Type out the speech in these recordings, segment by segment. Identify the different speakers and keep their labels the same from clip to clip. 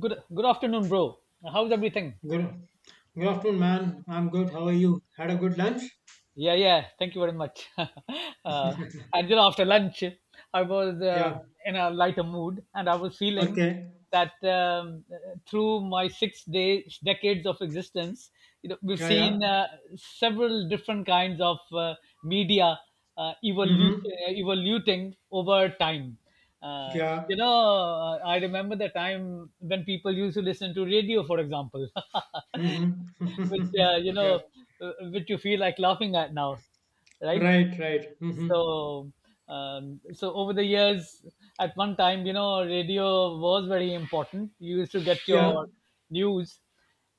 Speaker 1: Good afternoon, bro. How's everything?
Speaker 2: Good, good afternoon, man. I'm good. How are you? Had a good lunch?
Speaker 1: Yeah, yeah. Thank you very much. After lunch, I was
Speaker 2: Yeah.
Speaker 1: in a lighter mood, and I was feeling
Speaker 2: Okay.
Speaker 1: that through my 6 days decades of existence. We've
Speaker 2: Yeah, yeah.
Speaker 1: seen several different kinds of media, uh, evolu-
Speaker 2: Mm-hmm.
Speaker 1: evoluting over time. Uh, you
Speaker 2: Yeah.
Speaker 1: know, I remember the time when people used to listen to radio, for example. which
Speaker 2: Mm-hmm.
Speaker 1: uh, you
Speaker 2: yeah.
Speaker 1: know, which you feel like laughing at now, right?
Speaker 2: Right, right. Mm-hmm.
Speaker 1: So, so over the years, at one time, radio was very important. You used to get
Speaker 2: Yeah.
Speaker 1: your news,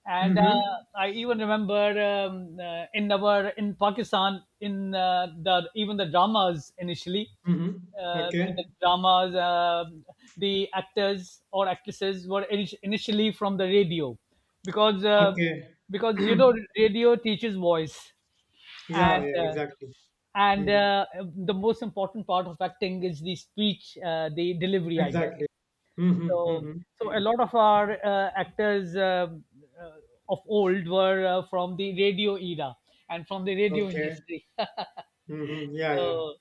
Speaker 1: and
Speaker 2: Mm-hmm.
Speaker 1: I even remember, in our in Pakistan, in the dramas initially,
Speaker 2: Mm-hmm.
Speaker 1: in the
Speaker 2: Okay.
Speaker 1: dramas, the actors or actresses were, initially, from the radio, because uh,
Speaker 2: Okay.
Speaker 1: because radio teaches voice,
Speaker 2: yeah,
Speaker 1: and
Speaker 2: yeah, exactly.
Speaker 1: and
Speaker 2: Mm-hmm.
Speaker 1: uh, the most important part of acting is the speech, the delivery, I guess.
Speaker 2: Exactly. Mm-hmm. Mm-hmm.
Speaker 1: So so a
Speaker 2: Mm-hmm.
Speaker 1: lot of our actors, uh, of old, were from the radio era and from the radio
Speaker 2: Okay.
Speaker 1: industry.
Speaker 2: Mm-hmm. Yeah, yeah.
Speaker 1: So,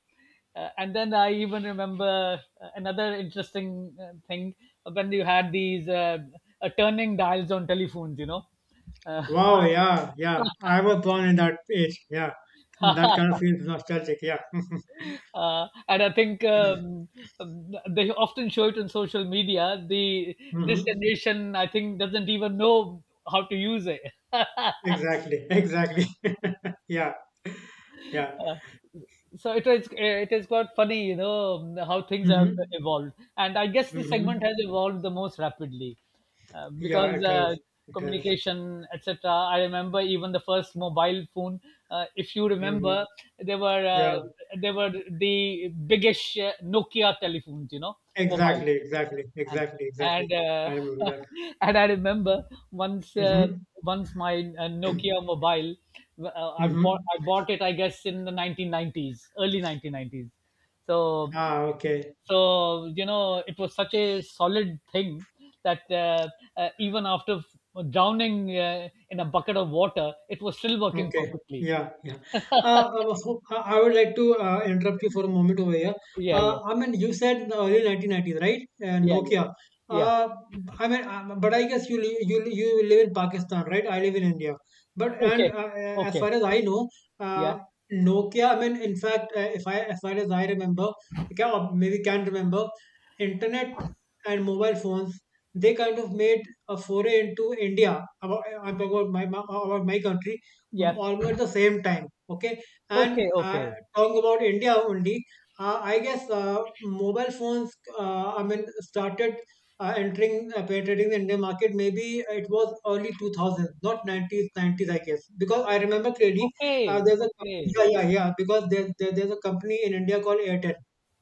Speaker 1: and then I even remember another interesting thing, when you had these turning dials on telephones, Uh,
Speaker 2: Wow, yeah, yeah. I was born in that age. Yeah. That kind of feels nostalgic. Yeah.
Speaker 1: And I think, they often show it on social media. The this
Speaker 2: Mm-hmm.
Speaker 1: generation, I think, doesn't even know how to use it.
Speaker 2: Exactly. Exactly. Yeah. Yeah.
Speaker 1: Uh, so it is quite funny, how things have
Speaker 2: Mm-hmm.
Speaker 1: evolved. And I guess this segment has
Speaker 2: Mm-hmm.
Speaker 1: evolved the most rapidly,
Speaker 2: Yeah,
Speaker 1: because
Speaker 2: it has. It has.
Speaker 1: communication, etc. I remember even the first mobile phone. If you
Speaker 2: Mm-hmm.
Speaker 1: remember, there were uh,
Speaker 2: Yeah.
Speaker 1: there were the biggish Nokia telephones, mobile.
Speaker 2: Exactly. Exactly.
Speaker 1: And
Speaker 2: Exactly. Exactly.
Speaker 1: and
Speaker 2: I remember that.
Speaker 1: And I remember once uh,
Speaker 2: Mm-hmm.
Speaker 1: once my Nokia mobile, I
Speaker 2: Mm-hmm.
Speaker 1: bought it, I guess, in the 1990s, early 1990s. So
Speaker 2: Ah, okay.
Speaker 1: so it was such a solid thing that, even after drowning in a bucket of water, it was still working
Speaker 2: Okay.
Speaker 1: perfectly.
Speaker 2: Yeah, yeah. Well, so, I would like to interrupt you for a moment over here.
Speaker 1: Yeah, yeah,
Speaker 2: I mean, you said in the early 1990s, right?
Speaker 1: yeah, yeah,
Speaker 2: Nokia.
Speaker 1: yeah.
Speaker 2: Uh, I mean, but I guess you you live in Pakistan, right? I live in India. But and
Speaker 1: Okay,
Speaker 2: as
Speaker 1: okay,
Speaker 2: far as I know,
Speaker 1: yeah,
Speaker 2: uh, Nokia. I mean, in fact, if I as far as I remember, can, or maybe can't remember, internet and mobile phones. They kind of made a foray into India. About, I'm talking about about my country mm,
Speaker 1: yeah.
Speaker 2: all at the same time. Okay, and
Speaker 1: Okay, okay,
Speaker 2: talking about India only, I guess mobile phones. I mean, started entering penetrating the Indian market. Maybe it was early 2000s, not 90s, 90s. I guess because I remember clearly
Speaker 1: okay,
Speaker 2: there's a
Speaker 1: okay.
Speaker 2: yeah yeah yeah because there's a company in India called Airtel.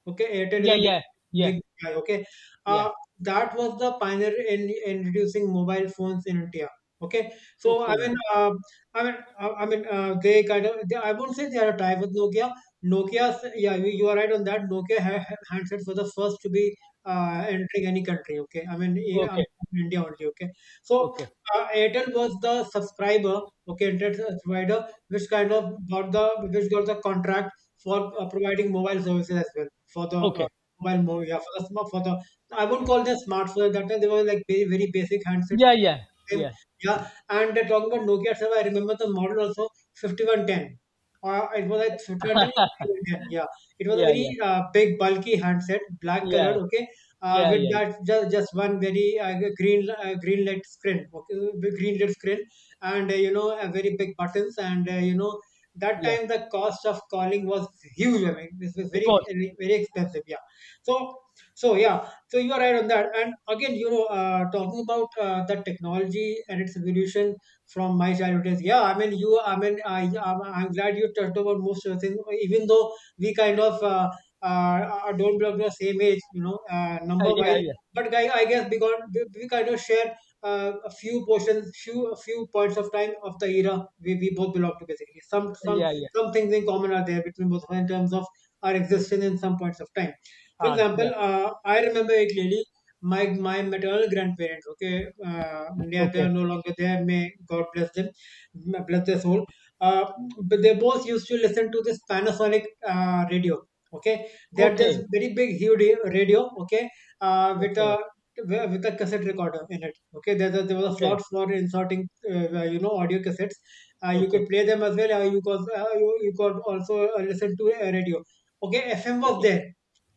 Speaker 2: Okay, Airtel is
Speaker 1: Yeah,
Speaker 2: a very
Speaker 1: yeah, yeah,
Speaker 2: big guy. Okay,
Speaker 1: yeah.
Speaker 2: uh, that was the pioneer in introducing mobile phones in India. Okay, so I
Speaker 1: Okay,
Speaker 2: mean, I mean, they kind of. They, I won't say they are a tie with Nokia. Nokia's, yeah, you are right on that. Nokia handsets were the first to be entering any country. Okay, I mean, yeah, I'm
Speaker 1: okay,
Speaker 2: from India only. Okay, so
Speaker 1: okay,
Speaker 2: Airtel was the subscriber, okay, internet provider, which kind of got the which got the contract for providing mobile services as well for the.
Speaker 1: okay.
Speaker 2: Yeah, for the smart, for the I won't call them smartphones at that time. They were like very, very basic handsets.
Speaker 1: Yeah, yeah,
Speaker 2: Same,
Speaker 1: yeah,
Speaker 2: yeah, and they're talking about Nokia server. I remember the model also 5110. It was like 5110 or 5110. Yeah, it was a
Speaker 1: yeah,
Speaker 2: very
Speaker 1: yeah,
Speaker 2: big, bulky handset, black colored.
Speaker 1: yeah,
Speaker 2: Okay,
Speaker 1: yeah,
Speaker 2: with
Speaker 1: yeah,
Speaker 2: that just one very green green LED screen. Okay, big green LED screen, and very big buttons, and that
Speaker 1: yeah,
Speaker 2: time the cost of calling was huge. I mean, this was very
Speaker 1: because.
Speaker 2: very expensive. Yeah, so so yeah so you are right on that. And again, you know, talking about the technology and its evolution from my childhood days. Yeah, I mean, you. I mean, I'm glad you touched about most of the things. Even though we kind of don't belong to the same age, you know, number
Speaker 1: Yeah,
Speaker 2: wise.
Speaker 1: yeah,
Speaker 2: But I guess because we kind of share a few portions, few a few points of time of the era we both belong to. Basically,
Speaker 1: yeah, yeah,
Speaker 2: some things in common are there between both of us in terms of our existence in some points of time. For
Speaker 1: are, yeah.
Speaker 2: example, I remember it clearly. My maternal grandparents, okay, yeah, they
Speaker 1: Okay,
Speaker 2: are no longer there. May God bless them, bless their soul. Uh, but they both used to listen to this Panasonic radio. Okay, they had this
Speaker 1: okay,
Speaker 2: very big, huge radio. Okay, with a
Speaker 1: okay,
Speaker 2: with a cassette recorder in it. Okay, there was a slot
Speaker 1: okay,
Speaker 2: for inserting, you know, audio cassettes. You
Speaker 1: okay,
Speaker 2: could play them as well. You, you could also listen to a radio. Okay, FM was
Speaker 1: okay,
Speaker 2: there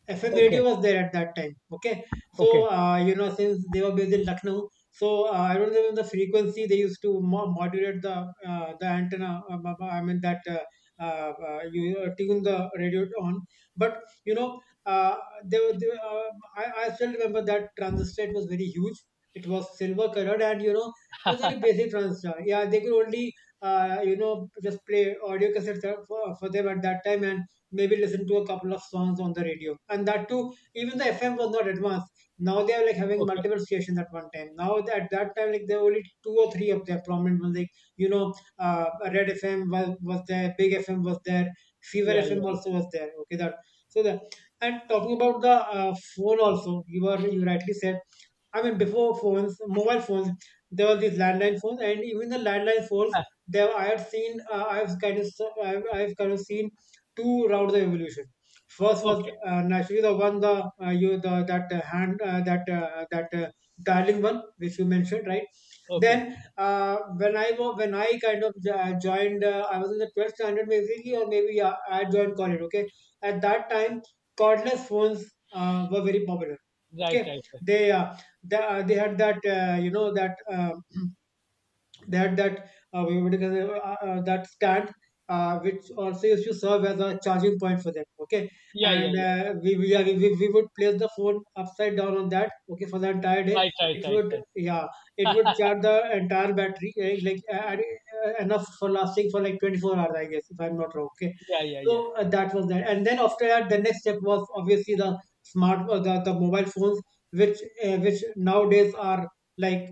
Speaker 2: FM
Speaker 1: okay,
Speaker 2: radio was there at that time. Okay,
Speaker 1: okay,
Speaker 2: so you know since they were based in Lucknow, so I don't remember the frequency they used to modulate the antenna. I mean that you tune the radio on. But you know, they, were, I still remember that transistor. It was very huge. It was silver colored, and you know, it was very basic transistor. Yeah, they could only just play audio cassettes for them at that time, and maybe listen to a couple of songs on the radio. And that too, even the FM was not advanced. Now they are like having
Speaker 1: okay.
Speaker 2: multiple stations at one time. Now at that time, like there were only two or three of their prominent ones. Like you know, Red FM was there, Big FM was there, Fever
Speaker 1: Yeah, yeah,
Speaker 2: FM
Speaker 1: yeah.
Speaker 2: also was there. Okay, that so that and talking about the phone also, you rightly said. I mean, before phones, mobile phones, there were these landline phones, and even the landline phones.
Speaker 1: Ah,
Speaker 2: There, I had seen. I've, I've kind of seen two route the evolution. First was
Speaker 1: okay,
Speaker 2: naturally the one the you the that hand that that dialing one which you mentioned right.
Speaker 1: okay.
Speaker 2: Then when I kind of joined, I was in the twelfth standard maybe or maybe yeah, I joined college. Okay, at that time cordless phones were very popular.
Speaker 1: Right,
Speaker 2: Okay,
Speaker 1: right, right.
Speaker 2: they uh, they had that that that we would that stand which also used to serve as a charging point for them okay
Speaker 1: Yeah, yeah,
Speaker 2: and
Speaker 1: yeah.
Speaker 2: yeah, we we would place the phone upside down on that okay for the entire day
Speaker 1: Right, right,
Speaker 2: it
Speaker 1: right,
Speaker 2: would
Speaker 1: right.
Speaker 2: yeah it would charge the entire battery eh, like enough for lasting for like 24 hours I guess if I'm not wrong okay
Speaker 1: Yeah, yeah, yeah.
Speaker 2: so that was that and then after that the next step was obviously the the mobile phones which which nowadays are like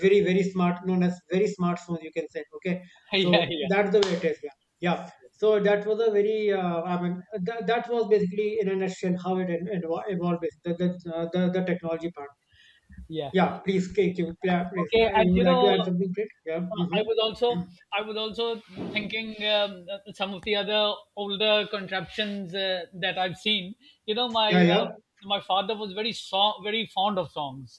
Speaker 2: very very smart known as very smartphones you can say okay so
Speaker 1: Yeah, yeah,
Speaker 2: that's the way it is yeah yeah so that was a very that was basically in a nutshell how it evolved the technology part
Speaker 1: yeah.
Speaker 2: yeah please Kate, please
Speaker 1: Okay.
Speaker 2: you
Speaker 1: and
Speaker 2: would
Speaker 1: you
Speaker 2: like
Speaker 1: know
Speaker 2: to add something please. Yeah
Speaker 1: I was also
Speaker 2: mm-hmm.
Speaker 1: I was also thinking, some of the other older contraptions that I've seen. My
Speaker 2: yeah yeah
Speaker 1: father was very fond of songs.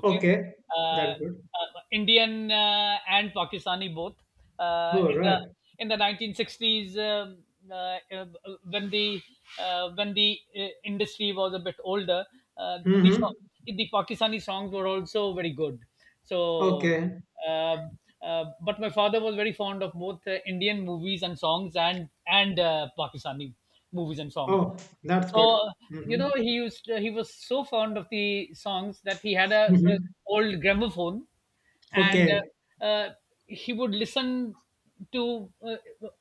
Speaker 1: Okay,
Speaker 2: okay
Speaker 1: uh,
Speaker 2: that's good
Speaker 1: uh, Indian and Pakistani, both,
Speaker 2: all
Speaker 1: in the
Speaker 2: right
Speaker 1: 1960s, uh, uh, when the, industry was a bit older, uh, the
Speaker 2: mm-hmm.
Speaker 1: song- the Pakistani songs were also very good. So,
Speaker 2: okay
Speaker 1: uh, but my father was very fond of both, Indian movies and songs, and Pakistani movies and songs.
Speaker 2: oh that's good
Speaker 1: So,
Speaker 2: mm-hmm.
Speaker 1: he was so fond of the songs that he had a,
Speaker 2: Mm-hmm.
Speaker 1: old gramophone, and
Speaker 2: okay
Speaker 1: uh, uh, he would listen to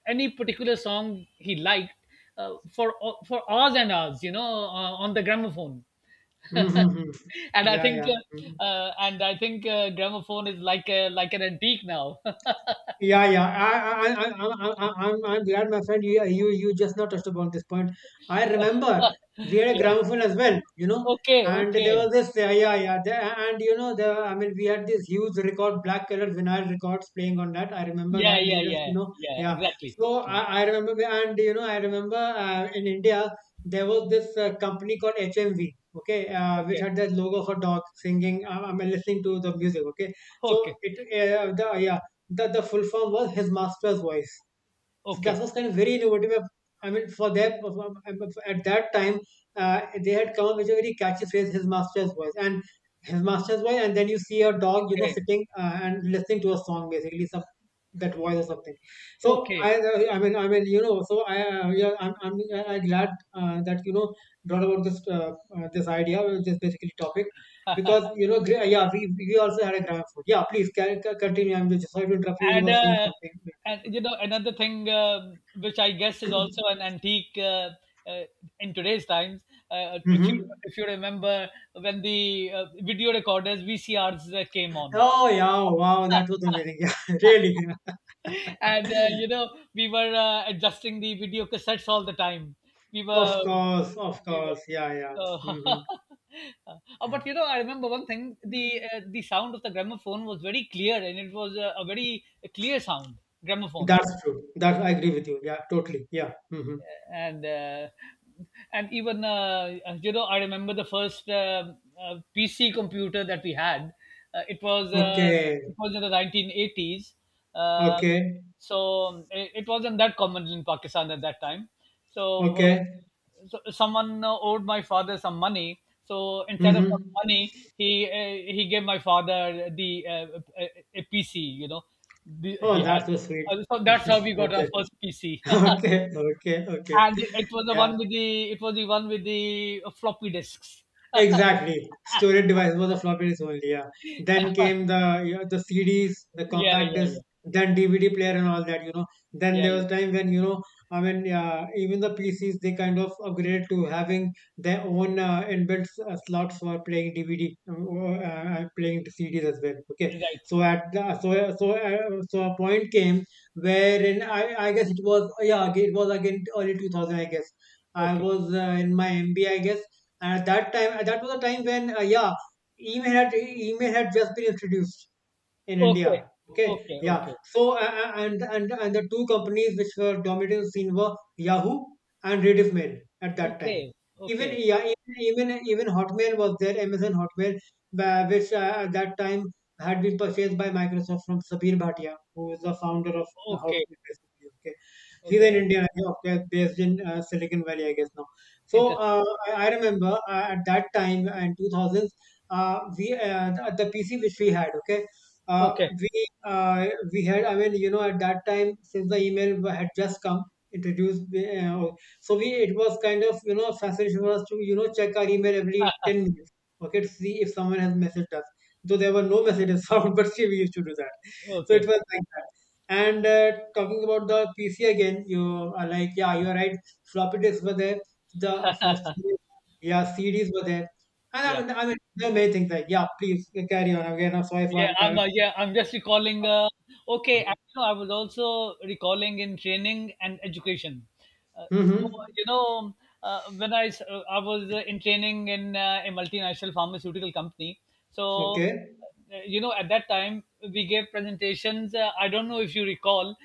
Speaker 1: any particular song he liked for hours and hours. On the gramophone.
Speaker 2: mm-hmm. Mm-hmm.
Speaker 1: and I
Speaker 2: yeah
Speaker 1: think,
Speaker 2: yeah Mm-hmm.
Speaker 1: and I think gramophone is like a like an antique now.
Speaker 2: Yeah, yeah. I'm glad, my friend. You just now touched upon this point. I remember we had a
Speaker 1: Yeah.
Speaker 2: gramophone as well, you know,
Speaker 1: Okay.
Speaker 2: and there
Speaker 1: Okay.
Speaker 2: was this, yeah, yeah, yeah. And you know, the, I mean, we had this huge record, black colored vinyl records playing on that. I remember
Speaker 1: Yeah.
Speaker 2: that. They
Speaker 1: Yeah.
Speaker 2: just, you
Speaker 1: Yeah.
Speaker 2: know,
Speaker 1: Yeah.
Speaker 2: yeah.
Speaker 1: Exactly.
Speaker 2: So
Speaker 1: Exactly.
Speaker 2: I remember, and you know, I remember in India there was this company called HMV, okay, which
Speaker 1: Okay.
Speaker 2: had the logo of a dog singing. I'm listening to the music, okay. So
Speaker 1: Okay,
Speaker 2: it, the yeah that the full form was His Master's Voice. So that
Speaker 1: okay,
Speaker 2: was kind of very innovative. I mean, for them, at that time, they had come up with a very catchy phrase, "His master's voice," and his master's voice, and then you see a dog, you know,
Speaker 1: okay,
Speaker 2: sitting and listening to a song, basically some that voice or something. So
Speaker 1: okay.
Speaker 2: I mean, you know, so yeah, I'm glad that you know brought about this this idea, this basically topic, because you know, yeah, we also had a gram food. Yeah, please continue. I'm just sorry to interrupt you. You
Speaker 1: And
Speaker 2: were saying
Speaker 1: uh,
Speaker 2: something.
Speaker 1: and another thing, which I guess is also an antique, uh, in today's times. If
Speaker 2: Mm-hmm.
Speaker 1: you remember when the video recorders, VCRs, came on.
Speaker 2: Oh yeah, wow, that was amazing. Yeah, really.
Speaker 1: And we were adjusting the video cassettes all the time, we
Speaker 2: Of
Speaker 1: were
Speaker 2: course, of
Speaker 1: we were
Speaker 2: course. Yeah, yeah. hmm
Speaker 1: but I remember one thing: the sound of the gramophone was very clear, and it was a very clear sound, gramophone.
Speaker 2: That's true. That I agree with you. Yeah, totally. Yeah. hmm
Speaker 1: And uh, and even, I remember the first, PC computer, that we had. Uh, it was uh,
Speaker 2: Okay.
Speaker 1: it was in the 1980s. Uh,
Speaker 2: Okay.
Speaker 1: so it wasn't that common in Pakistan at that time. So,
Speaker 2: Okay.
Speaker 1: so someone owed my father some money. So instead of
Speaker 2: hmm
Speaker 1: some money, he gave my father the a, PC. He
Speaker 2: Oh,
Speaker 1: had.
Speaker 2: that's so sweet.
Speaker 1: So that's
Speaker 2: Mhm.
Speaker 1: how we got
Speaker 2: Okay.
Speaker 1: our first PC.
Speaker 2: Okay. Okay. Okay.
Speaker 1: And it was the
Speaker 2: Yeah.
Speaker 1: one with the floppy disks.
Speaker 2: Exactly. Storage device was the floppy disk only, yeah. Then came the you know, the CDs, the
Speaker 1: Yeah,
Speaker 2: compact
Speaker 1: yeah,
Speaker 2: disc,
Speaker 1: yeah,
Speaker 2: then DVD player and all that, you know. Then
Speaker 1: yeah,
Speaker 2: there was
Speaker 1: yeah.
Speaker 2: time when, you know, I mean, yeah, even the PCs, they kind of upgraded to having their own slots for playing DVD, or playing the CDs as well. Okay.
Speaker 1: Right.
Speaker 2: So at the, so so so a point came wherein I guess it was it was again early 2000 I guess. I
Speaker 1: Okay.
Speaker 2: was in my MBA I guess, and at that time, that was a time when, yeah, email had just been introduced in
Speaker 1: Okay.
Speaker 2: India. Okay,
Speaker 1: Okay.
Speaker 2: yeah.
Speaker 1: Okay.
Speaker 2: So and the two companies which were dominating the scene were Yahoo and Rediff Mail at that time.
Speaker 1: Okay.
Speaker 2: Even
Speaker 1: Okay.
Speaker 2: yeah, even even even Hotmail was there, Amazon Hotmail, which at that time had been purchased by Microsoft from Sabir Bhatia, who is the founder of
Speaker 1: Okay.
Speaker 2: Hotmail, basically. Okay? He's an
Speaker 1: Okay.
Speaker 2: Indian, I think, okay, based in Silicon Valley, I guess now. So
Speaker 1: Interesting.
Speaker 2: I remember at that time in 2000s, we the PC which we had, okay,
Speaker 1: Okay.
Speaker 2: we had. At that time, since the email had just come introduced, so we, it was kind of, a facility for us to, check our email every 10 minutes, okay, to see if someone has messaged us. Though there were no messages found, but still we used to do that. So it was
Speaker 1: Okay.
Speaker 2: like that. And talking about the PC again, you are like, yeah, you're right. Floppy disks were there. The first, yeah, CDs were there. And
Speaker 1: Yeah.
Speaker 2: there are many things like, yeah, please carry on. Again, I'm sorry for
Speaker 1: Yeah,
Speaker 2: I'm kind
Speaker 1: I'm
Speaker 2: of.
Speaker 1: uh, yeah, I'm just recalling. Okay, I was also recalling in training and education. Uh, so
Speaker 2: Mm-hmm.
Speaker 1: you know, I was in training in a multinational pharmaceutical company. So,
Speaker 2: Okay.
Speaker 1: at that time, we gave presentations. I don't know if you recall,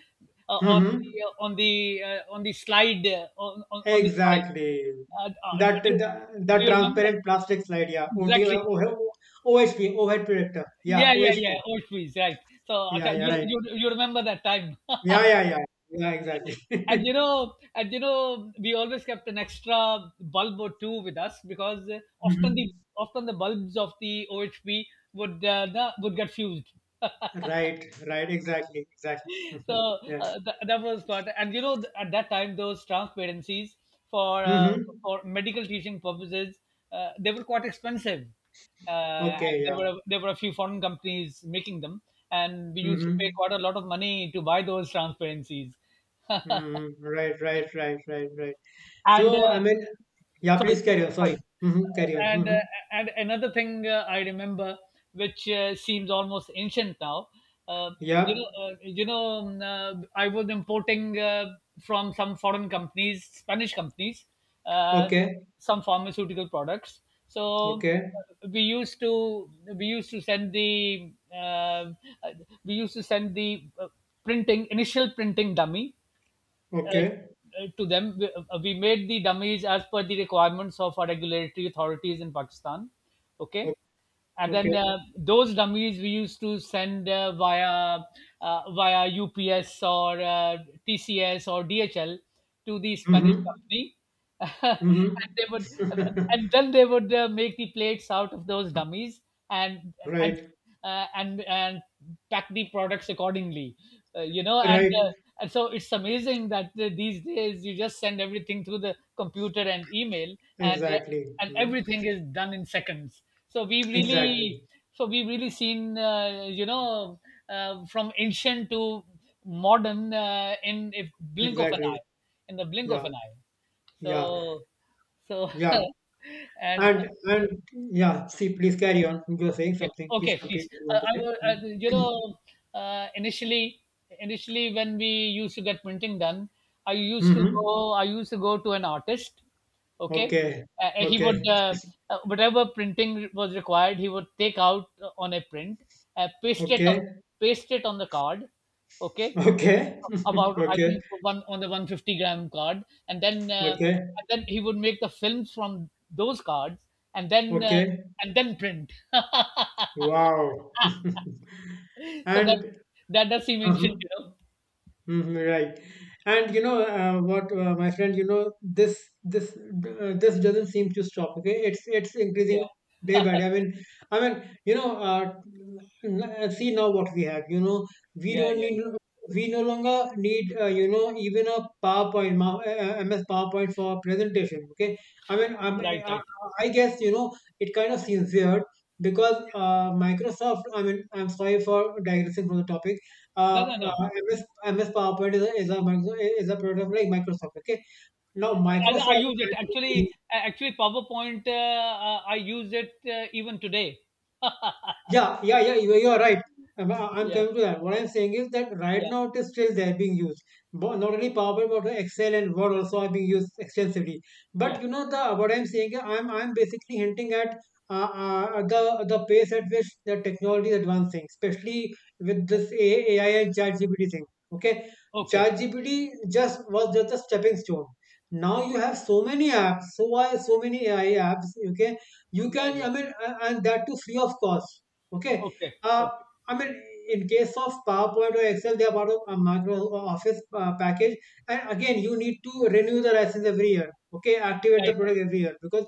Speaker 1: on
Speaker 2: Mm-hmm.
Speaker 1: the uh, on the uh, on the slide, on the slide.
Speaker 2: Exactly.
Speaker 1: Uh, uh,
Speaker 2: That
Speaker 1: do,
Speaker 2: the,
Speaker 1: you,
Speaker 2: the
Speaker 1: do you remember that?
Speaker 2: transparent plastic slide, yeah. OT,
Speaker 1: Exactly.
Speaker 2: OHP, overhead projector. Yeah,
Speaker 1: Yeah, yeah,
Speaker 2: OHP.
Speaker 1: yeah. Old trees, right? So
Speaker 2: Yeah,
Speaker 1: acha,
Speaker 2: yeah,
Speaker 1: you
Speaker 2: right.
Speaker 1: you you remember that time?
Speaker 2: Yeah, yeah, yeah. Yeah, exactly.
Speaker 1: and you know, and you know, we always kept an extra bulb or two with us, because
Speaker 2: Mhm.
Speaker 1: often the bulbs of the OHP would get fused.
Speaker 2: Right, right, exactly, exactly. Mhm.
Speaker 1: So,
Speaker 2: Yeah.
Speaker 1: that was part. And at that time, those transparencies for uh,
Speaker 2: Mm-hmm.
Speaker 1: for medical teaching purposes, they were quite expensive, and
Speaker 2: Okay,
Speaker 1: there
Speaker 2: yeah.
Speaker 1: were a few foreign companies making them, and we used to pay
Speaker 2: Mm-hmm.
Speaker 1: quite a lot of money to buy those transparencies.
Speaker 2: Mm-hmm. Right, right, right, right, right.
Speaker 1: and
Speaker 2: So, I mean, yeah,
Speaker 1: Sorry,
Speaker 2: please carry on. Sorry.
Speaker 1: sorry.
Speaker 2: Mm-hmm. Carry on.
Speaker 1: And
Speaker 2: Mm-hmm.
Speaker 1: uh, and another thing I remember, which seems almost ancient now. uh,
Speaker 2: Yeah.
Speaker 1: I was importing from some foreign companies, Spanish companies, uh,
Speaker 2: Okay.
Speaker 1: some pharmaceutical products. So,
Speaker 2: Okay.
Speaker 1: uh, we used to we used to send the, uh, we used to send the uh, printing initial printing dummy
Speaker 2: Okay.
Speaker 1: to them. We made the dummies as per the requirements of our regulatory authorities in Pakistan.
Speaker 2: o-
Speaker 1: Okay. And then
Speaker 2: Okay.
Speaker 1: those dummies we used to send via UPS or TCS or DHL to the Spanish
Speaker 2: Mm-hmm.
Speaker 1: company, and they
Speaker 2: Mm-hmm.
Speaker 1: would, and then they would make the plates out of those dummies, and and
Speaker 2: Right,
Speaker 1: and pack the products accordingly, uh, you know and
Speaker 2: right.
Speaker 1: uh, and so it's amazing that, these days, you just send everything through the computer and email, and uh,
Speaker 2: Exactly.
Speaker 1: and
Speaker 2: Mm.
Speaker 1: everything is done in seconds. so we've
Speaker 2: Exactly.
Speaker 1: really so we've really seen, from ancient to modern,
Speaker 2: Exactly.
Speaker 1: in the blink of
Speaker 2: Yeah.
Speaker 1: an eye.
Speaker 2: Yeah.
Speaker 1: So so
Speaker 2: Yeah.
Speaker 1: and
Speaker 2: And yeah, see, please carry on. You're saying
Speaker 1: Okay,
Speaker 2: something. Please
Speaker 1: okay,
Speaker 2: complete
Speaker 1: please.
Speaker 2: what you want to
Speaker 1: I will,
Speaker 2: say.
Speaker 1: uh, initially, initially when we used to get printing done,
Speaker 2: Mhm.
Speaker 1: I used to go to an artist. Okay,
Speaker 2: Okay.
Speaker 1: he would,
Speaker 2: Okay.
Speaker 1: whatever printing was required, he would take out, on a print, uh, paste it
Speaker 2: Okay.
Speaker 1: on, paste it on the card. Okay,
Speaker 2: Okay.
Speaker 1: about, I
Speaker 2: Okay.
Speaker 1: think, one, on the 150-gram card, and then
Speaker 2: Okay.
Speaker 1: he would make the films from those cards, and then
Speaker 2: Okay.
Speaker 1: print.
Speaker 2: Wow.
Speaker 1: So that
Speaker 2: And
Speaker 1: that does, he mentioned,
Speaker 2: uh-huh.
Speaker 1: you know?
Speaker 2: Mhm. Right. And you know, what, my friend, you know, this doesn't seem to stop. Okay, it's
Speaker 1: Yeah,
Speaker 2: increasing day by day. I mean, you know, n- See now what we have. You know, we
Speaker 1: yeah,
Speaker 2: don't
Speaker 1: yeah,
Speaker 2: need. We no longer need, even a PowerPoint, MS PowerPoint for presentation. Okay, I mean, I'm,
Speaker 1: yeah. Right,
Speaker 2: uh, I,
Speaker 1: right.
Speaker 2: I guess, you know, it kind of seems weird because Microsoft. I mean, I'm sorry for digressing from the topic
Speaker 1: No, no, no. I,
Speaker 2: MS PowerPoint is a, is a product like Microsoft. Okay, now
Speaker 1: I, I
Speaker 2: Microsoft.
Speaker 1: use it, actually. Actually, PowerPoint. I use it even today.
Speaker 2: Yeah, yeah, yeah. You are right. I'm
Speaker 1: Yeah,
Speaker 2: coming to that. What I'm saying is that right
Speaker 1: yeah,
Speaker 2: now it is still there being used. Bo- Not only PowerPoint, but Excel and Word also are being used extensively.
Speaker 1: yeah.
Speaker 2: But you know the what I'm saying is, I'm basically hinting at the pace at which the technology is advancing, especially with this AI and ChatGPT thing. Okay,
Speaker 1: Okay.
Speaker 2: ChatGPT just was just a stepping stone. Now you have so many apps, so are so many AI apps. Okay, you
Speaker 1: Yeah,
Speaker 2: can,
Speaker 1: yeah.
Speaker 2: I mean, and that too free of cost. Okay.
Speaker 1: Okay,
Speaker 2: Uh,
Speaker 1: okay.
Speaker 2: I mean, in case of PowerPoint or Excel, they are part of a Microsoft Office package. And again, you need to renew the license every year. Okay, activate the
Speaker 1: Right, right,
Speaker 2: product every year, because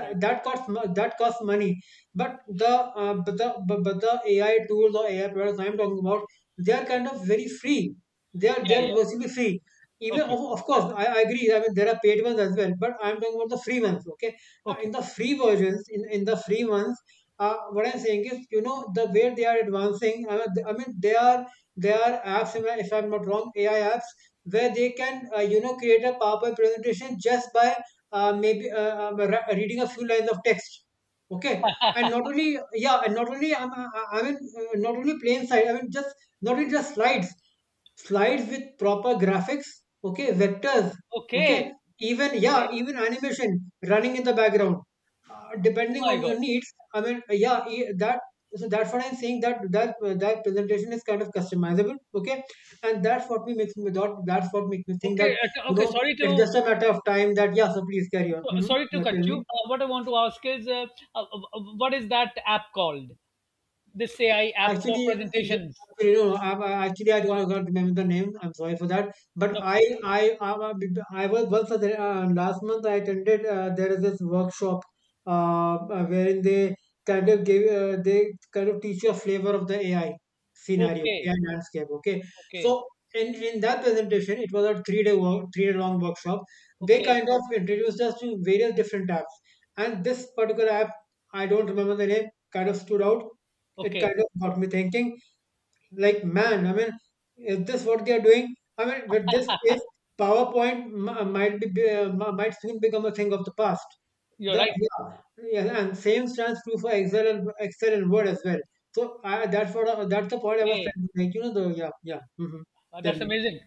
Speaker 1: right.
Speaker 2: that costs mo- that costs money. But the AI tools or AI products I'm talking about, they are kind of very free. They
Speaker 1: Yeah,
Speaker 2: are
Speaker 1: yeah.
Speaker 2: virtually free. Even,
Speaker 1: Okay,
Speaker 2: of course, I agree. I mean, there are paid ones as well, but I'm talking about the free ones. Okay, now in
Speaker 1: okay.
Speaker 2: the free versions, in the free ones, what I'm saying is, you know, the way they are advancing. I mean, they are apps, if I'm not wrong, AI apps where they can, create a PowerPoint presentation just by reading a few lines of text. Okay, and not only not only plain side. I mean, just not only just slides, slides with proper graphics, okay, vectors, okay,
Speaker 1: Okay. Okay.
Speaker 2: even animation running in the background, depending
Speaker 1: Oh my
Speaker 2: on
Speaker 1: God.
Speaker 2: your needs. i mean uh, yeah e- that that's what I'm saying, that that presentation is kind of customizable, okay. and that's what me makes me that, that's what makes me think
Speaker 1: Okay.
Speaker 2: that, you
Speaker 1: Okay.
Speaker 2: know, it's just a matter of time. That yeah So please carry on. Hmm,
Speaker 1: Sorry to
Speaker 2: yeah,
Speaker 1: cut
Speaker 2: tell me.
Speaker 1: you. What I want to ask is, uh, uh, what is that app called? This AI app for
Speaker 2: Actually, yeah,
Speaker 1: presentations.
Speaker 2: actually, you know, I- actually, I don't I can't remember the name. I'm sorry for that. But
Speaker 1: No problem.
Speaker 2: I was once at last month, I attended. There is this workshop, wherein they kind of gave, they kind of teach you a flavor of the AI scenario,
Speaker 1: Okay.
Speaker 2: AI landscape. Okay, so
Speaker 1: Okay.
Speaker 2: in that presentation, it was a 3 day long workshop. They
Speaker 1: Okay.
Speaker 2: kind of introduced us to various different apps, and this particular app, I don't remember the name, kind of stood out. It
Speaker 1: Okay.
Speaker 2: kind of got me thinking, like, man, I mean, is this what they are doing? I mean, with this pace, PowerPoint might be might soon become a thing of the past.
Speaker 1: You're
Speaker 2: The
Speaker 1: right.
Speaker 2: yeah, yeah, and same stands true for Excel and Word as well. So I, that's what I, that's the point I was
Speaker 1: Okay.
Speaker 2: trying to make. You know, the yeah, yeah. Hmm. Tell
Speaker 1: That's
Speaker 2: me.
Speaker 1: amazing.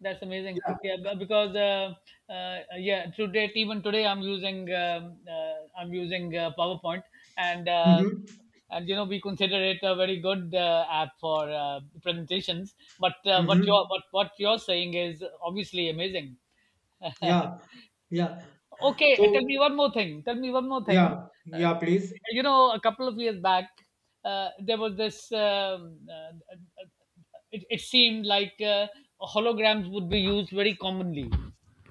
Speaker 1: That's amazing.
Speaker 2: Yeah.
Speaker 1: Yeah, because, yeah, today even today, I'm using, PowerPoint, and uh,
Speaker 2: Mm-hmm.
Speaker 1: and we consider it a very good app for presentations. But,
Speaker 2: Mm-hmm.
Speaker 1: what you're saying is obviously amazing.
Speaker 2: Yeah. Yeah.
Speaker 1: Okay, tell
Speaker 2: So
Speaker 1: me one more thing. Tell me one more thing.
Speaker 2: yeah.
Speaker 1: Uh,
Speaker 2: Yeah. Please.
Speaker 1: a couple of years back, there was this. Uh, it seemed like holograms would be used very commonly,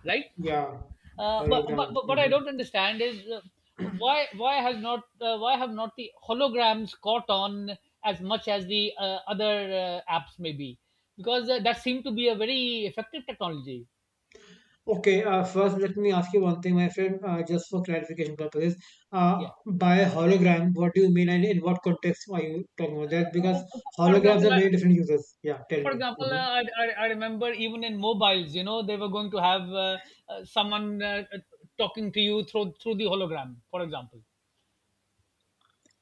Speaker 1: right?
Speaker 2: Yeah.
Speaker 1: Uh, but, but
Speaker 2: Hologram.
Speaker 1: but what I
Speaker 2: Mm-hmm.
Speaker 1: don't understand is, why have not the holograms caught on as much as the other apps, maybe because that seemed to be a very effective technology.
Speaker 2: Okay, first let me ask you one thing, my friend, just for clarification purposes.
Speaker 1: Yeah.
Speaker 2: By hologram, what do you mean, and in what context are you talking about that? Because
Speaker 1: Uh, uh, For
Speaker 2: holograms
Speaker 1: example,
Speaker 2: have very different uses. Yeah, tell
Speaker 1: For
Speaker 2: me.
Speaker 1: example,
Speaker 2: Mhm.
Speaker 1: I remember even in mobiles, you know, they were going to have someone talking to you through the hologram. For example,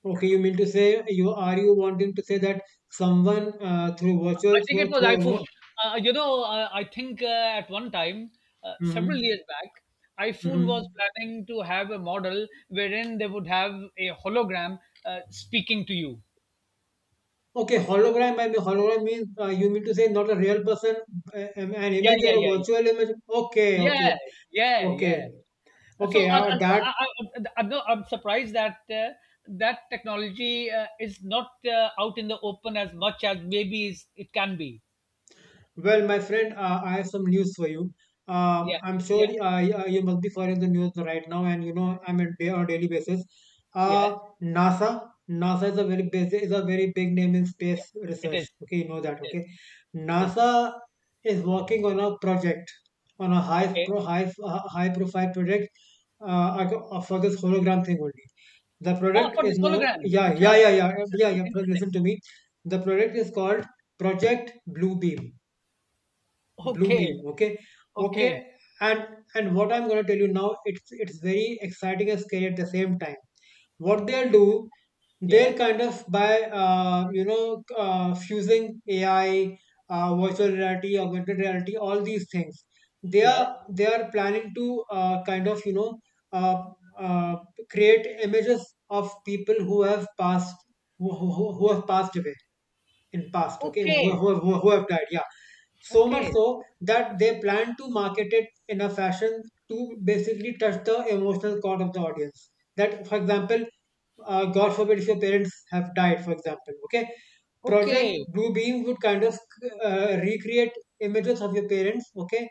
Speaker 2: Okay, you mean to say, you are you wanting to say that someone through virtual
Speaker 1: I think it
Speaker 2: through,
Speaker 1: was
Speaker 2: through a
Speaker 1: iPhone.
Speaker 2: wo-
Speaker 1: I think at one time, several
Speaker 2: Mhm.
Speaker 1: years back, iPhone was
Speaker 2: Mhm.
Speaker 1: planning to have a model wherein they would have a hologram speaking to you.
Speaker 2: Okay, hologram. I mean, hologram means, you mean to say, not a real person, an
Speaker 1: Yeah,
Speaker 2: image
Speaker 1: yeah,
Speaker 2: or a
Speaker 1: yeah, yeah,
Speaker 2: virtual image. Okay, okay,
Speaker 1: yeah, yeah,
Speaker 2: okay,
Speaker 1: yeah. so,
Speaker 2: okay.
Speaker 1: so
Speaker 2: That
Speaker 1: I, I'm, not, I'm surprised that that technology is not out in the open as much as maybe it can be.
Speaker 2: Well, my friend, I have some news for you.
Speaker 1: Yeah,
Speaker 2: I'm sure
Speaker 1: yeah,
Speaker 2: you must be following the news right now, and you know, I'm a day on a daily basis. Uh,
Speaker 1: yeah,
Speaker 2: NASA is a very big, is a very big name in
Speaker 1: yeah.
Speaker 2: space
Speaker 1: It
Speaker 2: research.
Speaker 1: is.
Speaker 2: Okay, you know that.
Speaker 1: It is.
Speaker 2: Okay,
Speaker 1: It is.
Speaker 2: NASA is working on a project, on a
Speaker 1: Okay.
Speaker 2: high profile project, for this hologram thing only. The
Speaker 1: Ah,
Speaker 2: product
Speaker 1: for
Speaker 2: is
Speaker 1: this
Speaker 2: no,
Speaker 1: hologram.
Speaker 2: yeah,
Speaker 1: Acha.
Speaker 2: yeah, yeah, yeah, yeah,
Speaker 1: Interesting.
Speaker 2: yeah. Listen
Speaker 1: Interesting.
Speaker 2: to me. The product is called Project Bluebeam, blue beam
Speaker 1: Okay.
Speaker 2: okay, okay.
Speaker 1: Okay.
Speaker 2: And what I'm going to tell you now, it's very exciting and scary at the same time. What they'll do, they're
Speaker 1: Yeah.
Speaker 2: kind of, by fusing AI, virtual reality, augmented reality, all these things,
Speaker 1: Yeah.
Speaker 2: they are planning to, kind of, you know, uh, uh, create images of people who have passed, who have passed away in past, okay,
Speaker 1: Okay.
Speaker 2: who have died, yeah. So much
Speaker 1: Okay.
Speaker 2: so that they plan to market it in a fashion to basically touch the emotional chord of the audience, that, for example, god forbid, if your parents have died, for example, okay, Project
Speaker 1: Okay.
Speaker 2: Bluebeam would kind of recreate images of your parents, okay,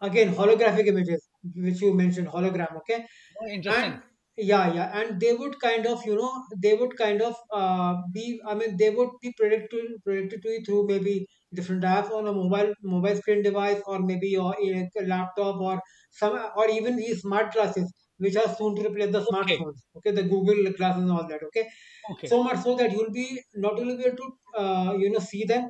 Speaker 2: again holographic images, which you mentioned, hologram, okay.
Speaker 1: Oh,
Speaker 2: and
Speaker 1: interesting.
Speaker 2: yeah Yeah, and they would kind of, you know, they would kind of be I mean they would be predicted to you through maybe different apps on a mobile screen device, or maybe your a laptop, or some, or even these smart glasses which are soon to replace the
Speaker 1: Okay.
Speaker 2: smartphones, okay, the Google glasses and all that, okay.
Speaker 1: Okay.
Speaker 2: So much so that you'll be not only be able to see them,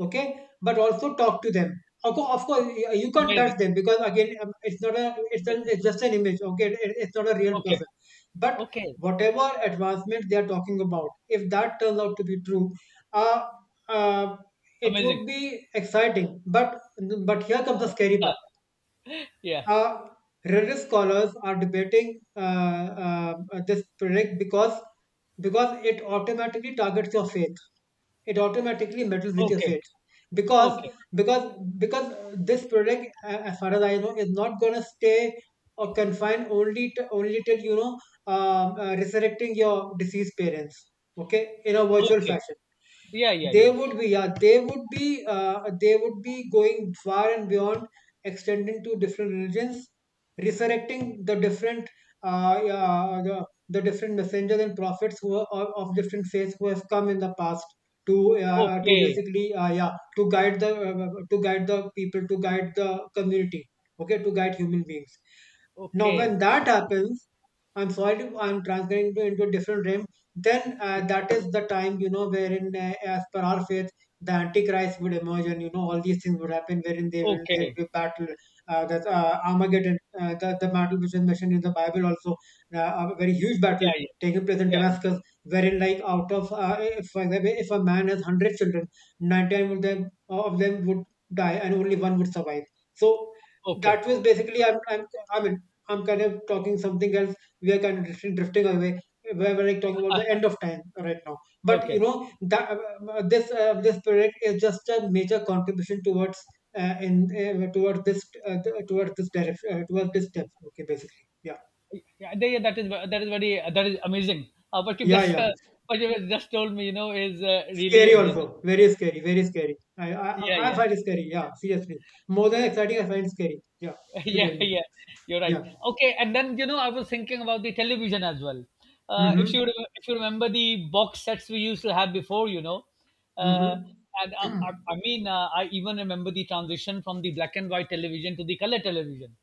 Speaker 2: okay, but also talk to them. Of course, of course, you can't
Speaker 1: Amazing.
Speaker 2: touch them, because again, it's not a,
Speaker 1: Amazing.
Speaker 2: it's just an image. Okay, it's not a real
Speaker 1: Okay.
Speaker 2: person. But
Speaker 1: Okay.
Speaker 2: whatever advancement they are talking about, if that turns out to be true, uh, uh, it
Speaker 1: Amazing.
Speaker 2: would be exciting. But here comes the scary
Speaker 1: Uh,
Speaker 2: part.
Speaker 1: yeah.
Speaker 2: uh, Religious scholars are debating uh, this project, because it automatically targets your faith. It automatically meddles with your
Speaker 1: Okay.
Speaker 2: faith, because
Speaker 1: Okay.
Speaker 2: because this project, as far as I know, is not gonna stay or confined only to only till, you know, resurrecting your deceased parents. Okay, in a virtual
Speaker 1: Okay.
Speaker 2: fashion
Speaker 1: Yeah, yeah,
Speaker 2: they
Speaker 1: yeah.
Speaker 2: would be, yeah, they would be going far and beyond, extending to different religions, resurrecting the different, the different messengers and prophets who are of different faiths who have come in the past to
Speaker 1: Okay.
Speaker 2: basically, to guide the to guide the people, to guide the community, okay, to guide human beings. Now, when
Speaker 1: Okay.
Speaker 2: that happens, I'm sorry, to, I'm transferring to, into a different realm, then that is the time you know wherein, as per our faith, the antichrist would emerge, and you know all these things would happen wherein they will they
Speaker 1: Okay.
Speaker 2: will battle, that armageddon, the battle which is mentioned in the bible also, a very huge
Speaker 1: Yeah,
Speaker 2: battle
Speaker 1: yeah.
Speaker 2: taking place in
Speaker 1: Yeah, yeah.
Speaker 2: damascus, wherein, like, out of if, for example, if a man has 100 children, 99 of them would die and only one would survive. So
Speaker 1: Okay.
Speaker 2: that was basically I'm, I mean, I'm kind of talking something else. We are kind of drifting away. We're like talking about the end of time right now. But you
Speaker 1: Okay.
Speaker 2: know that, this project is just a major contribution towards, in towards this, towards this direction, towards this step, okay, basically, yeah.
Speaker 1: Yeah, yeah, yeah, that is amazing.
Speaker 2: Yeah, yeah,
Speaker 1: What you just told me, you know, is really
Speaker 2: scary also,
Speaker 1: amazing.
Speaker 2: very scary, very scary. i i, I
Speaker 1: Yeah,
Speaker 2: I
Speaker 1: yeah,
Speaker 2: find it scary, yeah, seriously. More than
Speaker 1: yeah.
Speaker 2: exciting, I find it scary, yeah. You
Speaker 1: Yeah,
Speaker 2: tell me.
Speaker 1: yeah, you're right.
Speaker 2: Yeah.
Speaker 1: Okay, and then you know I was thinking about the television as well. If you
Speaker 2: Mm-hmm.
Speaker 1: if you remember the box sets we used to have before, you know, uh,
Speaker 2: Mm-hmm.
Speaker 1: and I mean I even remember the transition from the black and white television to the color television,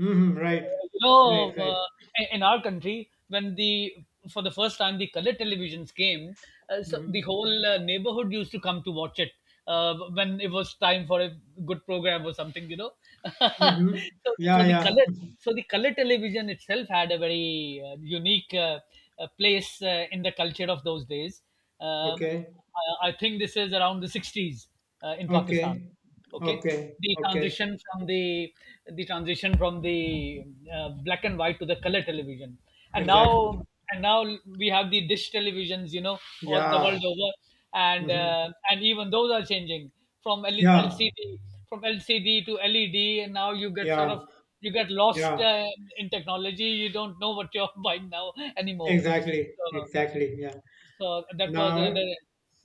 Speaker 2: Mm-hmm. Right,
Speaker 1: you
Speaker 2: right,
Speaker 1: know,
Speaker 2: right.
Speaker 1: in our country, when the for the first time the color televisions came, so the
Speaker 2: Mm-hmm.
Speaker 1: whole neighborhood used to come to watch it when it was time for a good program or something, you know.
Speaker 2: Mm-hmm.
Speaker 1: so,
Speaker 2: Yeah,
Speaker 1: so the
Speaker 2: yeah.
Speaker 1: color, so the color television itself had a very unique place in the culture of those days. Um
Speaker 2: Okay,
Speaker 1: I think this is around the 60s in
Speaker 2: okay.
Speaker 1: Pakistan. Okay,
Speaker 2: Okay,
Speaker 1: the
Speaker 2: okay,
Speaker 1: transition from the the transition from the black and white to the color television, and
Speaker 2: exactly.
Speaker 1: now we have the dish televisions, you know, all the
Speaker 2: Yeah.
Speaker 1: world over,
Speaker 2: Hmm.
Speaker 1: and even those are changing from
Speaker 2: Yeah,
Speaker 1: LCD to LED, and now you get sort
Speaker 2: yeah,
Speaker 1: of you get lost
Speaker 2: yeah,
Speaker 1: in technology. You don't know what you're buying now anymore.
Speaker 2: exactly,
Speaker 1: So,
Speaker 2: exactly. Yeah.
Speaker 1: so that was
Speaker 2: Now,
Speaker 1: another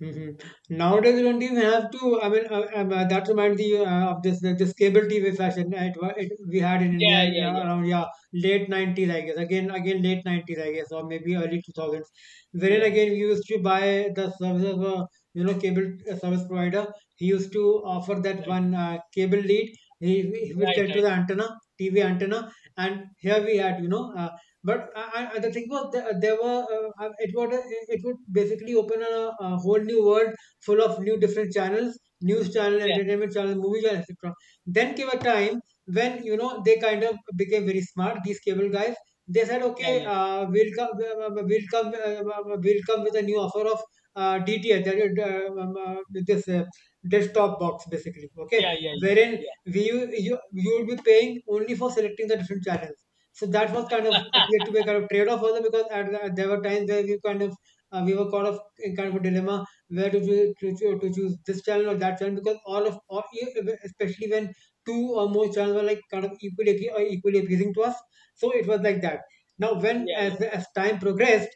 Speaker 2: mhm.
Speaker 1: yeah.
Speaker 2: Nowadays, you don't even have to. That reminds me of this cable TV fashion, we had in India
Speaker 1: Yeah,
Speaker 2: in,
Speaker 1: yeah, yeah,
Speaker 2: around, yeah, late 90s, I guess. Again, late 90s, I guess, or maybe early 2000s. Wherein
Speaker 1: yeah.
Speaker 2: again, we used to buy the service of a, you know, cable service provider. He used to offer that
Speaker 1: Right,
Speaker 2: one, cable lead. He would
Speaker 1: right,
Speaker 2: get to
Speaker 1: right,
Speaker 2: the antenna, TV antenna, and here we
Speaker 1: right.
Speaker 2: had, you know, but the thing was, there were it would, it would basically open a whole new world full of new different channels, news channel,
Speaker 1: Yeah,
Speaker 2: entertainment channel, movie channel, etc. Then came a time when, you know, they kind of became very smart. These cable guys, they said,
Speaker 1: yeah,
Speaker 2: okay,
Speaker 1: yeah,
Speaker 2: we'll come, we'll come, we'll come with a new offer of, DTH, that is, this desktop box, basically. Okay,
Speaker 1: yeah, yeah,
Speaker 2: wherein
Speaker 1: yeah,
Speaker 2: we you would be paying only for selecting the different channels. So that was kind of, appeared to be a kind of trade-off also, because at there were times where we kind of, we were caught of in kind of a dilemma where to to choose this channel or that channel, because all of all, e, e, especially when two or more channels were like kind of equally or equally appealing to us. So it was like that. Now, when,
Speaker 1: yeah, yeah,
Speaker 2: as time progressed,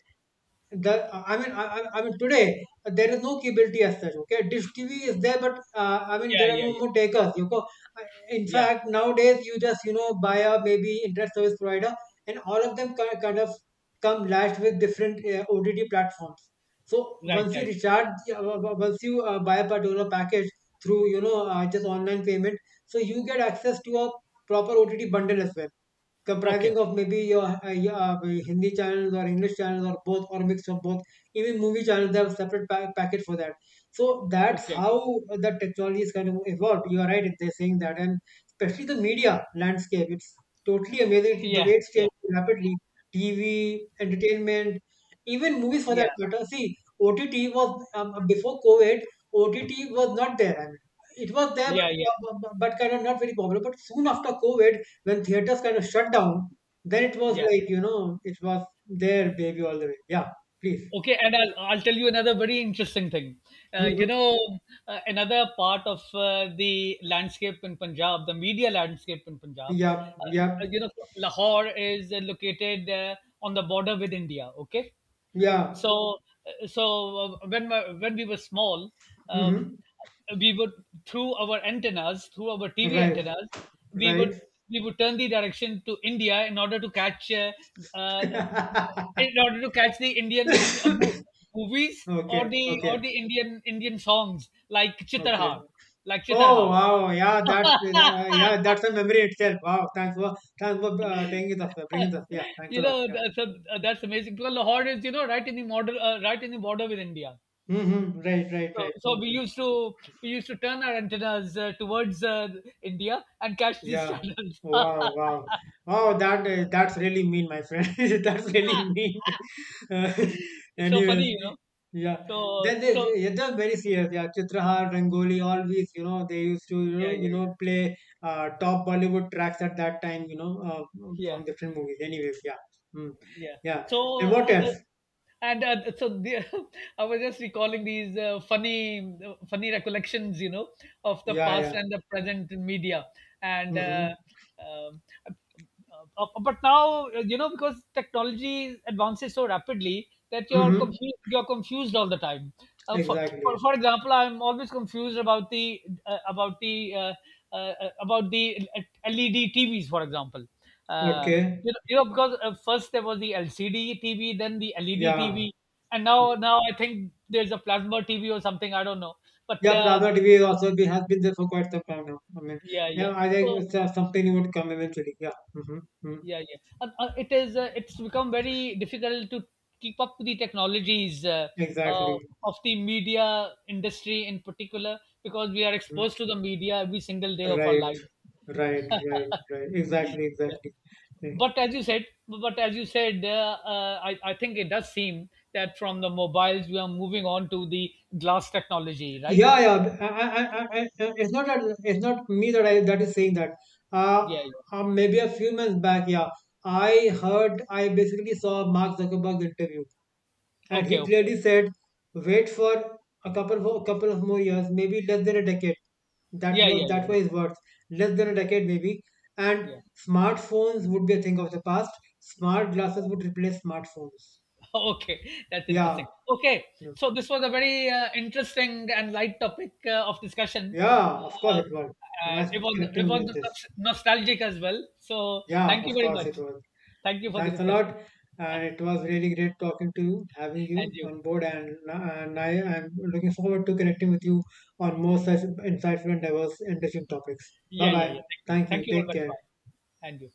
Speaker 2: the I mean today, there is no capability as such. Okay, dish TV is there, but, I mean,
Speaker 1: yeah,
Speaker 2: there
Speaker 1: yeah, yeah,
Speaker 2: are
Speaker 1: yeah,
Speaker 2: no
Speaker 1: yeah, yeah.
Speaker 2: more takers, you know. In
Speaker 1: Yeah.
Speaker 2: fact, nowadays you just, you know, buy a maybe internet service provider, and all of them kind of come lashed with different, ott platforms. So
Speaker 1: Right,
Speaker 2: once you
Speaker 1: right.
Speaker 2: recharge, once you buy a particular package through, you know, just online payment, so you get access to a proper ott bundle as well,
Speaker 1: Okay,
Speaker 2: comprising of maybe your Hindi channels or English channels or both or mix of both. Even movie channels have separate packet for that. So that's
Speaker 1: okay.
Speaker 2: how the technology is kind of evolved. You are right, they're saying that, and especially the media landscape. It's totally amazing the way
Speaker 1: Yeah,
Speaker 2: it's
Speaker 1: yeah,
Speaker 2: changing rapidly. TV, entertainment, even movies for that
Speaker 1: yeah,
Speaker 2: matter. See, OTT was, before COVID. OTT was not there. I mean, it was there,
Speaker 1: yeah, yeah,
Speaker 2: but but kind of not very popular. But soon after COVID, when theaters kind of shut down, then it was
Speaker 1: yeah.
Speaker 2: like, you know, it was
Speaker 1: Yeah.
Speaker 2: their baby, all the way. Yeah, please.
Speaker 1: Okay, and I'll tell you another very interesting thing. Uh, you
Speaker 2: Mm-hmm.
Speaker 1: know, Another part of the landscape in Punjab, the media landscape in Punjab,
Speaker 2: Yeah, yeah,
Speaker 1: you know, Lahore is located on the border with India, okay?
Speaker 2: yeah.
Speaker 1: so so when we were small, um,
Speaker 2: Mm-hmm.
Speaker 1: we would, through our TV
Speaker 2: Right,
Speaker 1: antennas, we
Speaker 2: right.
Speaker 1: would, we would turn the direction to India in order to catch uh, in order to catch the Indian movies
Speaker 2: Okay,
Speaker 1: or the
Speaker 2: okay,
Speaker 1: or the indian indian songs like
Speaker 2: okay.
Speaker 1: Chitarhar, like
Speaker 2: Oh
Speaker 1: Chitarhar.
Speaker 2: wow, yeah, that's a memory itself. Wow, thanks for taking it up, bringing it up. Yeah, thanks a
Speaker 1: you
Speaker 2: lot.
Speaker 1: know,
Speaker 2: Yeah.
Speaker 1: th- so that's amazing. Because Lahore is, you know, right in the border, right in the border with India.
Speaker 2: Mm-hmm. Right, right,
Speaker 1: So,
Speaker 2: right.
Speaker 1: so we
Speaker 2: Hmm.
Speaker 1: used to we used to turn our antennas towards India and catch these
Speaker 2: Yeah.
Speaker 1: channels.
Speaker 2: Wow, wow. Oh, that, that's really mean, my friend. That's really mean. Uh,
Speaker 1: It's so funny,
Speaker 2: anyways,
Speaker 1: you know.
Speaker 2: yeah.
Speaker 1: So
Speaker 2: Then
Speaker 1: so
Speaker 2: yeah, they're very serious. Yeah, Chitrahar, Rangoli, always, you know, they used to,
Speaker 1: yeah yeah
Speaker 2: you
Speaker 1: yeah
Speaker 2: know, play, top Bollywood tracks at that time, you know,
Speaker 1: yeah.
Speaker 2: from different movies. Anyways, yeah. Mm,
Speaker 1: Yeah.
Speaker 2: yeah. And
Speaker 1: So,
Speaker 2: what
Speaker 1: uh, uh,
Speaker 2: else?
Speaker 1: and uh, so the, I was just recalling these funny, funny recollections, you know, of the
Speaker 2: Yeah,
Speaker 1: past
Speaker 2: yeah.
Speaker 1: and the present in media, and
Speaker 2: Mm-hmm.
Speaker 1: um, uh, but now you know because technology advances so rapidly that you're
Speaker 2: Mm-hmm.
Speaker 1: confused. You're confused all the time. Uh, for, for
Speaker 2: Exactly.
Speaker 1: for example, I'm always confused about the about the LED TVs, for example. Uh,
Speaker 2: Okay.
Speaker 1: because first there was the LCD TV, then the LED
Speaker 2: Yeah.
Speaker 1: TV, and now I think there's a plasma TV or something. I don't know, but
Speaker 2: Yeah, plasma TV has been there for quite some time now. I mean,
Speaker 1: yeah, yeah.
Speaker 2: yeah, I think
Speaker 1: So
Speaker 2: it's, something would come eventually. Yeah, mm-hmm, mm,
Speaker 1: yeah, yeah. And, it is it's become very difficult to keep up with the technologies uh,
Speaker 2: exactly.
Speaker 1: of the media industry in particular because we are
Speaker 2: Mm.
Speaker 1: exposed to the media every single day of our
Speaker 2: Right,
Speaker 1: lives.
Speaker 2: right, right, right. Exactly,
Speaker 1: Yeah.
Speaker 2: exactly, exactly.
Speaker 1: But as you said, I think it does seem that from the mobiles we are moving on to the glass technology, right?
Speaker 2: Yeah, yeah. It's not that, it's not me that, I that is saying that. Uh,
Speaker 1: Yeah, yeah.
Speaker 2: Maybe a few months back, yeah, I basically saw Mark Zuckerberg's interview, and he
Speaker 1: Okay, okay.
Speaker 2: clearly said, wait for couple of more years, maybe less than a decade. That
Speaker 1: Yeah,
Speaker 2: was
Speaker 1: yeah, yeah,
Speaker 2: that
Speaker 1: yeah,
Speaker 2: was his words. Less than a decade, maybe. And
Speaker 1: yeah.
Speaker 2: smartphones would be a thing of the past. Smart glasses would replace smartphones.
Speaker 1: Okay, that's
Speaker 2: Yeah.
Speaker 1: interesting. Okay, so this was a very interesting and light topic of discussion
Speaker 2: Yeah, of course
Speaker 1: uh,
Speaker 2: it was.
Speaker 1: and
Speaker 2: Nice
Speaker 1: it was
Speaker 2: connecting
Speaker 1: it
Speaker 2: me
Speaker 1: was
Speaker 2: with this.
Speaker 1: nostalgic as well, so
Speaker 2: Yeah,
Speaker 1: thank you
Speaker 2: of
Speaker 1: very
Speaker 2: course it
Speaker 1: much,
Speaker 2: was.
Speaker 1: thank you for the
Speaker 2: Thanks a
Speaker 1: discussion.
Speaker 2: lot, and it was really great talking to you, having
Speaker 1: And
Speaker 2: you
Speaker 1: you.
Speaker 2: on board, and I am looking forward to connecting with you on more such insightful and diverse, interesting topics. Bye
Speaker 1: Yeah yeah
Speaker 2: bye.
Speaker 1: yeah, thank you,
Speaker 2: Thank you.
Speaker 1: thank you very
Speaker 2: Take
Speaker 1: much,
Speaker 2: care.
Speaker 1: bye. And you.